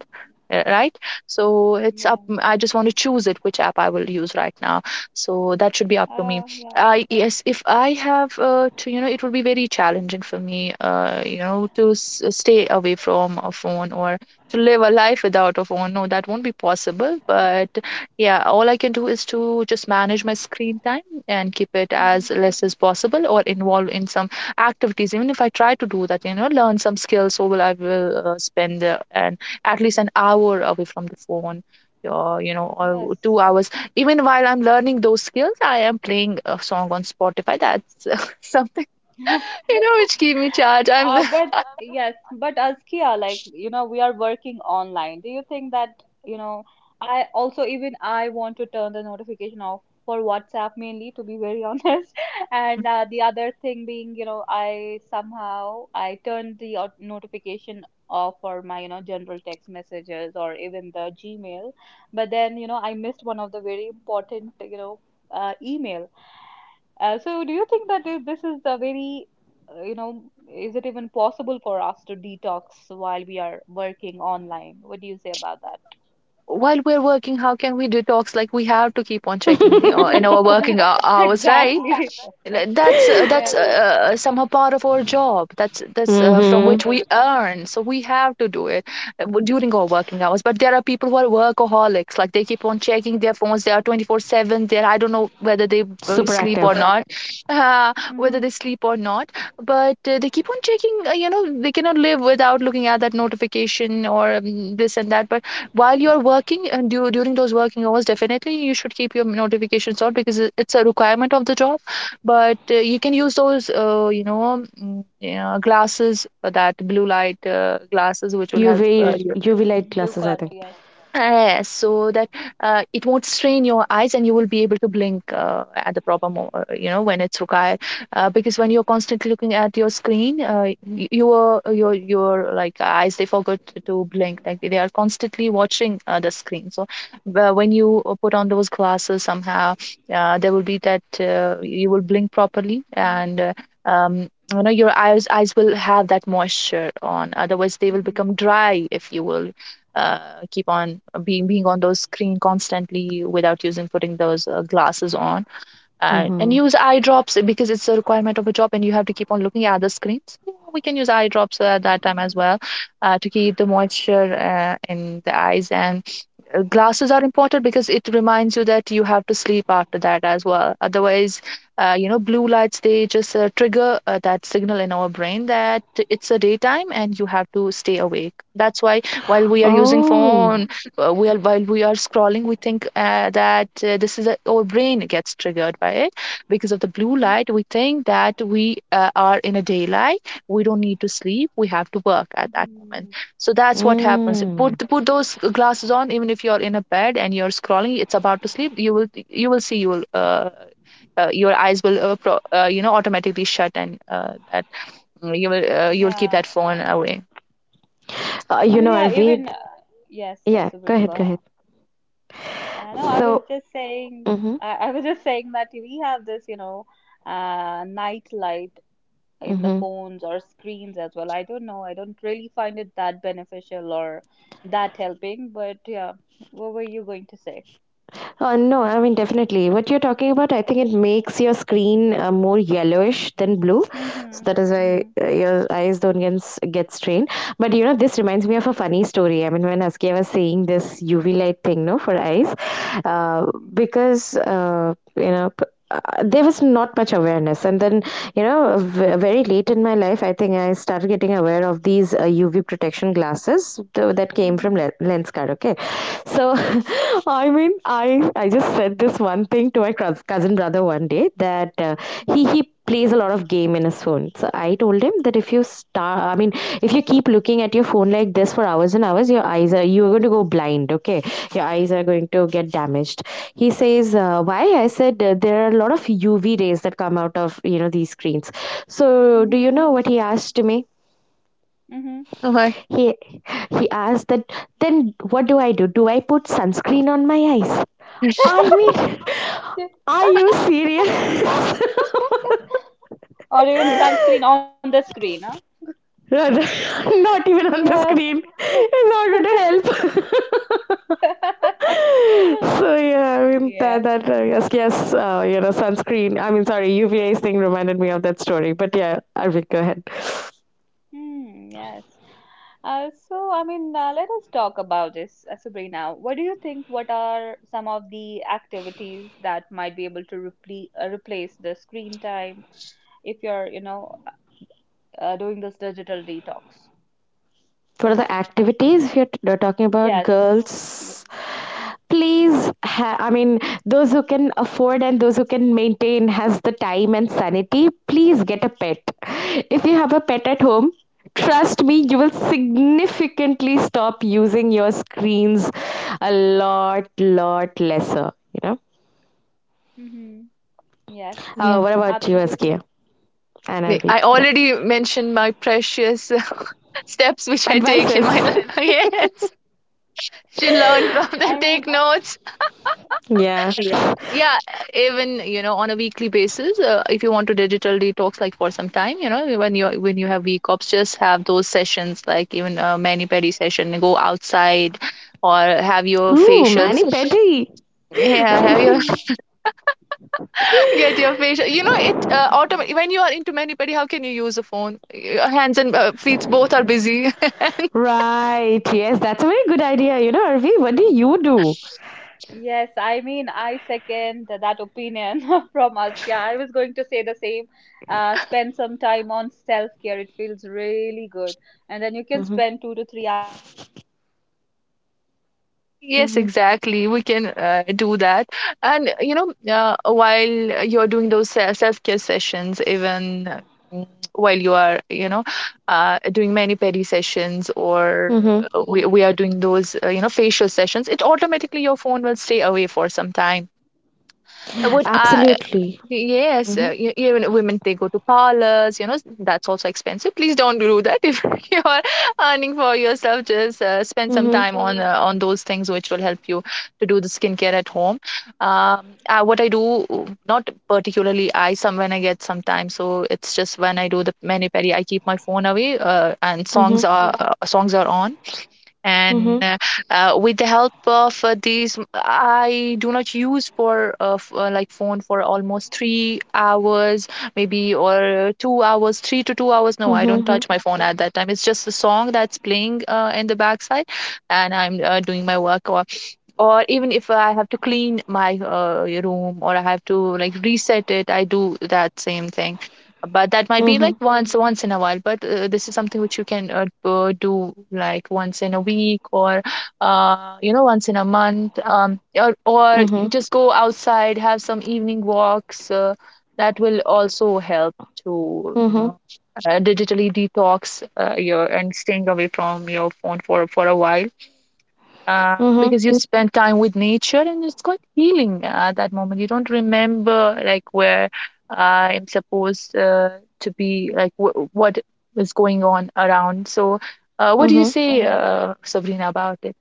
S3: uh, right? So it's up,
S1: Yeah.
S3: I just want to choose it, which app I will use right now, so that should be up to me.
S1: Uh, yeah.
S3: I, yes, if I have uh, to, you know, it would be very challenging for me uh, you know, to s- stay away from a phone or to live a life without a phone. No, that won't be possible. But yeah, all I can do is to just manage my screen time and keep it
S1: Mm-hmm.
S3: as less as possible, or involve in some activities. Even if I try to do that, you know, learn some skills, so will I will uh, spend uh, an, at least an hour away from the phone. Or you know, or two
S1: Yes.
S3: hours. Even while I'm learning those skills, I am playing a song on Spotify. That's [LAUGHS] something
S1: [LAUGHS]
S3: [LAUGHS] you know, which keep me
S1: [LAUGHS]
S3: charged. I'm
S1: Uh,
S3: the
S1: but yes, but Askia, like, you know, we are working online. Do you think that, you know, I also, even I want to turn the notification off for WhatsApp mainly, to be very [LAUGHS] honest. And uh, the other thing being, you know, I somehow I turned the au- notification off for my, you know, general text messages or even the Gmail. But then, you know, I missed one of the very important, you know, uh, email. Uh, so, do you think that i- this is a very, uh, you know, is it even possible for us to detox while we are working online? What do you say about that?
S3: while we're working, how can we detox? Like, we have to keep on
S2: mhm,
S3: checking uh, in
S1: Mhm.
S3: our working
S1: [LAUGHS]
S3: hou- hours, right?
S1: Exactly.
S3: Like,
S1: [LAUGHS]
S3: that's uh,
S1: Yeah.
S3: that's uh, uh, somehow part of our job. That's that's uh, from
S2: mhm.
S3: which
S2: [LAUGHS]
S3: we earn. So we have to do it uh, w- during our working hours. But there are people who are workaholics. Like, they keep on checking their phones. They are twenty-four seven there. I don't know whether they uh,
S2: Super
S3: sleep or
S2: active
S3: not, [LAUGHS] uh, whether
S1: Hmm.
S3: they sleep or not. But uh, they keep on checking. Uh, you know, they cannot live without looking at that notification or um, this and that. But while you're working and du- during those working hours, definitely you should keep your notifications on because it- it's a requirement of the job. But uh, you can use those uh, you know, mm, yeah, glasses, uh, that blue light uh, glasses which will
S2: UV
S3: help uh, you.
S2: UV [LAUGHS] light
S1: Blue
S2: glasses, I
S1: card,
S2: think.
S1: yes.
S3: Yes, so that uh, it won't strain your eyes and you will be able to blink uh, at the proper mo uh, you know, when it's required. Uh, because when you're constantly looking at your screen, uh, y- your your your, like, eyes, they forget to to blink. Like, they are constantly watching uh, the screen. So uh, when you uh, put on those glasses, somehow uh, there will be that, uh, you will blink properly
S1: Hmm.
S3: and. Uh, um, you know, your eyes eyes will have that moisture on, otherwise they will
S1: Hmm.
S3: become dry if you will uh, keep on uh, being being on those screen constantly without using putting those uh, glasses on. and, and
S2: Mhm.
S3: use eye drops, because it's a requirement of a job and you have to keep on looking at the screen, so we can use eye drops at that time as
S1: Hmm.
S3: well, uh, to keep the moisture uh, in the eyes. And uh, glasses are important because it reminds you that you have to sleep after that as well. Otherwise, uh, you know, blue lights, they just uh, trigger uh, that signal in our brain that it's a daytime and you have to stay awake. That's why, while we are using
S2: Oh,
S3: phone, uh, we are, while we are scrolling, we think uh, that uh, this is a, our brain gets triggered by it. Because of the blue
S1: Hmm.
S3: light, we think that we uh, are in a daylight, we don't need to sleep, we have to work at that moment.
S1: Hmm.
S3: So that's what happens. Put
S2: mm.
S3: put those glasses on, even if you're in a bed and you're scrolling, it's about to sleep. You will you will see you will uh, uh, Your eyes will uh, pro, uh, you know, automatically shut and uh, that, mm, you will uh, you will keep
S1: Yeah.
S3: that phone away.
S2: Uh,
S1: I
S2: you
S1: mean,
S2: know,
S1: yeah,
S2: Arvid.
S1: even, uh, yes,
S2: Yeah,
S1: yes,
S2: go
S1: Sabrina, go
S2: ahead, go
S1: ahead.
S2: ahead.
S1: Uh, no, I was
S2: So,
S1: just saying,
S2: mm-hmm,
S1: I, I was just saying that we have this, you know, uh, nightlight in the
S2: mm-hmm.
S1: phones or screens as well. I don't know. I don't really find it that beneficial or that helping. But yeah, what were you going to say?
S2: Uh, no, I mean, definitely. What you're talking about, I think it makes your screen uh, more yellowish than blue. So
S1: Mm-hmm.
S2: that is why
S1: Mm-hmm.
S2: uh, your eyes don't get, s- get strained. But you know, this reminds me of a funny story. I mean, when Askia was saying this U V light thing, no, for eyes, uh, because, uh, you know, p- uh, there was not much awareness, and then, you know, v- very late in my life, I think I started getting aware of these uh, UV protection glasses th- that came from
S1: Mm-hmm.
S2: Le- Lenskart. Okay, so
S1: Mm-hmm.
S2: [LAUGHS] I mean, I I just said this one thing to my cous- cousin brother one day that uh, he he plays a lot of game in his phone. So I told him that if you start, I mean, if you keep looking at your phone like this for hours and hours, your eyes are, you are going to go blind. Okay, your eyes are going to get damaged. He says, uh, why? I said uh, there are a lot of U V rays that come out of, you know, these screens. So
S1: Mm-hmm.
S2: do
S1: Mm-hmm.
S2: you know what he asked me?
S1: Mm-hmm.
S3: Uh-huh.
S2: He he asked that then what do I do? Do I put sunscreen on my eyes? I mean, [LAUGHS] are you serious?
S1: [LAUGHS] Or even sunscreen on the screen, huh?
S2: [LAUGHS] Rather, not even on the
S1: Yes.
S2: screen in order
S1: [LAUGHS]
S2: to help. [LAUGHS] So yeah, I mean
S1: [LAUGHS] Yes.
S2: that that uh, yes, yes, uh, you know, sunscreen. I mean, sorry, U V rays thing reminded me of that story. But yeah, I will go ahead.
S1: Hmm, yes. Uh, so, I mean, uh, let us talk about this, uh, Sabrina. What do you think? What are some of the activities that might be able to repli uh, replace the screen time if you're, you know, uh, uh, doing this digital detox?
S2: For the activities, if you're talking about
S1: Yes. Yeah.
S2: girls, please, ha- I mean those who can afford and those who can maintain, has the time and sanity, please get a pet. If you have a pet at home, trust me, you will
S1: Mm-hmm.
S2: significantly stop using your screens a lot, lot lesser, you know.
S1: Mm-hmm. Yes.
S2: Uh,
S3: Yeah.
S2: what about you,
S1: Absolutely.
S2: Skia and
S3: Like,
S2: RV?
S3: I
S2: Yeah,
S3: already mentioned my precious [LAUGHS] steps which I take in
S2: advices.
S3: my life. [LAUGHS] Yes, should learn from
S1: I
S3: them. Take
S1: mean,
S3: notes.
S2: [LAUGHS] Yeah,
S3: Yeah, yeah, even you know, on a weekly basis, uh, if you want to digital detox, like for some time, you know, when you when you have week offs, just have those sessions, like even a mani pedi session, go outside, or have your
S2: ooh, mani
S3: facials. Mm.
S2: petty. [LAUGHS]
S3: Yeah, have your
S1: [LAUGHS]
S3: [LAUGHS] get your facial. You know, it uh, autom- when you are into mani pedi, how can you use a phone? Your hands and uh, feet both are busy.
S2: Right. Yes, that's a very good idea. You know, Arvi, what do you do?
S1: yes, I mean, I second that opinion [LAUGHS] from Askia. I was going to say the same. Uh, spend some time on self-care.
S2: Mm-hmm.
S3: Yes,
S2: Mm-hmm.
S3: exactly. We can uh, do that. And, you know, uh, while you're doing those se- self-care sessions, even uh, mm, while you are, you know, uh, doing many pedi sessions or
S2: Mm-hmm.
S3: uh, we, we are doing those, uh, you know, facial sessions, it automatically your phone will stay away for some time. Uh, What I.
S2: Absolutely.
S3: Yes,
S2: Mm-hmm.
S3: uh, e- even women, they go to parlors, you know, that's also expensive. Please don't do that if [LAUGHS] you are earning for yourself. Just uh, spend some
S2: Mm-hmm.
S3: time on uh, on those things which will help you to do the skincare at home. Um, uh, what I do, not particularly I, some when I get some time, so it's just when I do the mani pedi, I keep my phone away, uh, and songs
S2: Mm-hmm.
S3: are uh, songs are on.
S2: Mm-hmm.
S3: And uh, uh, with the help of uh, these, I do not use for uh, f- uh, like, phone for almost three hours maybe, or two hours, three to two hours. No, I don't
S2: Mm-hmm.
S3: touch my phone at that time. It's just the song that's playing uh, in the backside and I'm uh, doing my work. Or or even if I have to clean my uh, room or I have to, like, reset it, I do that same thing. But that might be
S2: Mm-hmm.
S3: like once once in a while. But uh, this is something which you can uh, uh, do like once in a week or uh, you know, once in a month. Um, or or
S2: Mm-hmm.
S3: you just go outside, have some evening walks. Uh, that will also help to, you
S2: Mm-hmm.
S3: know, uh, digitally detox uh, your and staying away from your phone for for a while, uh, because you spend time with nature and it's quite healing at that moment. You don't remember, like, where I'm supposed uh, to be, like, wh- what is going on around. So, uh, what do you
S2: Mm-hmm.
S3: say, hmm, uh, Sabrina, about it?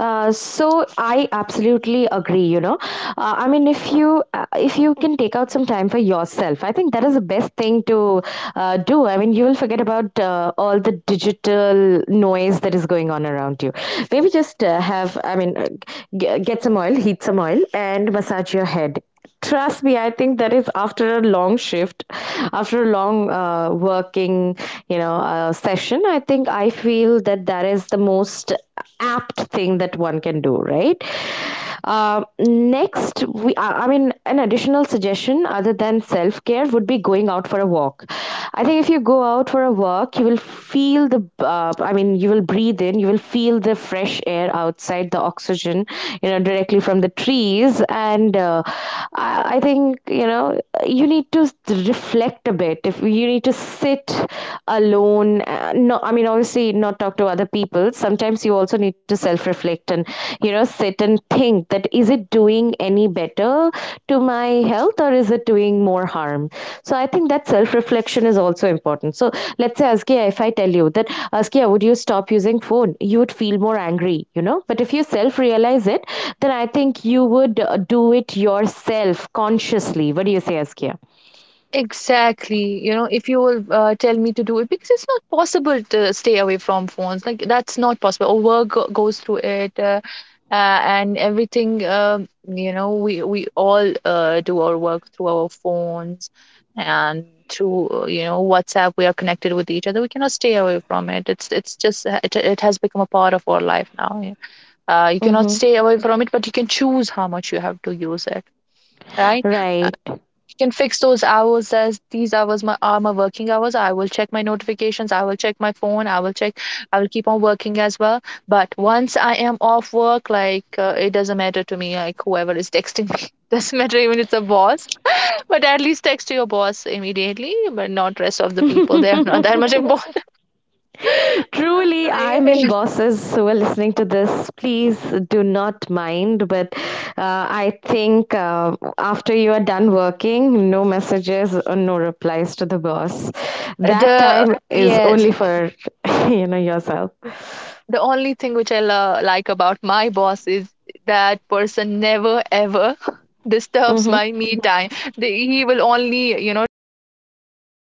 S2: Uh, so I absolutely agree. You know, uh, I mean, if you uh, if you can take out some time for yourself, I think that is the best thing to uh, do. I mean, you will forget about uh, all the digital noise that is going on around you. Maybe just uh, have, I mean, uh, g- get some oil, heat some oil, and massage your head. Trust me, I think that is after a long shift, after a long uh, working, you know, uh, session. I think I feel that that is the most apt thing that one can do, right? Uh, next, we, I I mean, an additional suggestion other than self care would be going out for a walk. I think if you go out for a work, you will feel the uh, I mean, you will breathe in, you will feel the fresh air outside, the oxygen, you know, directly from the trees. And uh, I, I think, you know, you need to reflect a bit. If you need to sit alone, uh, no, I mean, obviously not talk to other people. Sometimes you also need to self reflect, and you you know, sit and think that is it doing any better to my health or is it doing more harm? So I think that self reflection is also important. So let's say, Askia, if I tell you that, Askia, would you stop using phone, you would feel more angry, you know. But if you self realize it, then I think you would uh, do it yourself consciously. What do you say, Askia?
S3: Exactly. You know, if you will uh, tell me to do it, because it's not possible to stay away from phones. Like, that's not possible. Our work go- goes through it, uh, uh, and everything. Um, you know, we we all uh, do our work through our phones, and through uh, you know, WhatsApp. We are connected with each other. We cannot stay away from it. It's it's just uh, it it has become a part of our life now. Yeah. Uh, you cannot
S2: Mm-hmm.
S3: stay away from it, but you can choose how much you have to use it. Right,
S2: Right.
S3: can fix those hours as these hours my, are my working hours. I will check my notifications. I will check my phone. I will check. I will keep on working as well. But once I am off work, like, uh, it doesn't matter to me. Like, whoever is texting me [LAUGHS] doesn't matter, even it's a boss. But at least text to your boss immediately. But not rest of the people. They are not that
S2: [LAUGHS]
S3: much important.
S2: Truly, I mean,
S3: [LAUGHS]
S2: bosses who are listening to this, please do not mind. But uh, I think uh, after you are done working, no messages or no replies to the boss. That
S3: The
S2: time is
S3: yes,
S2: only for [LAUGHS] you know, yourself.
S3: the only thing which I lo- like about my boss is that person never ever [LAUGHS] disturbs
S2: Hmm.
S3: my me time. They, he will only, you know, text me when he's in his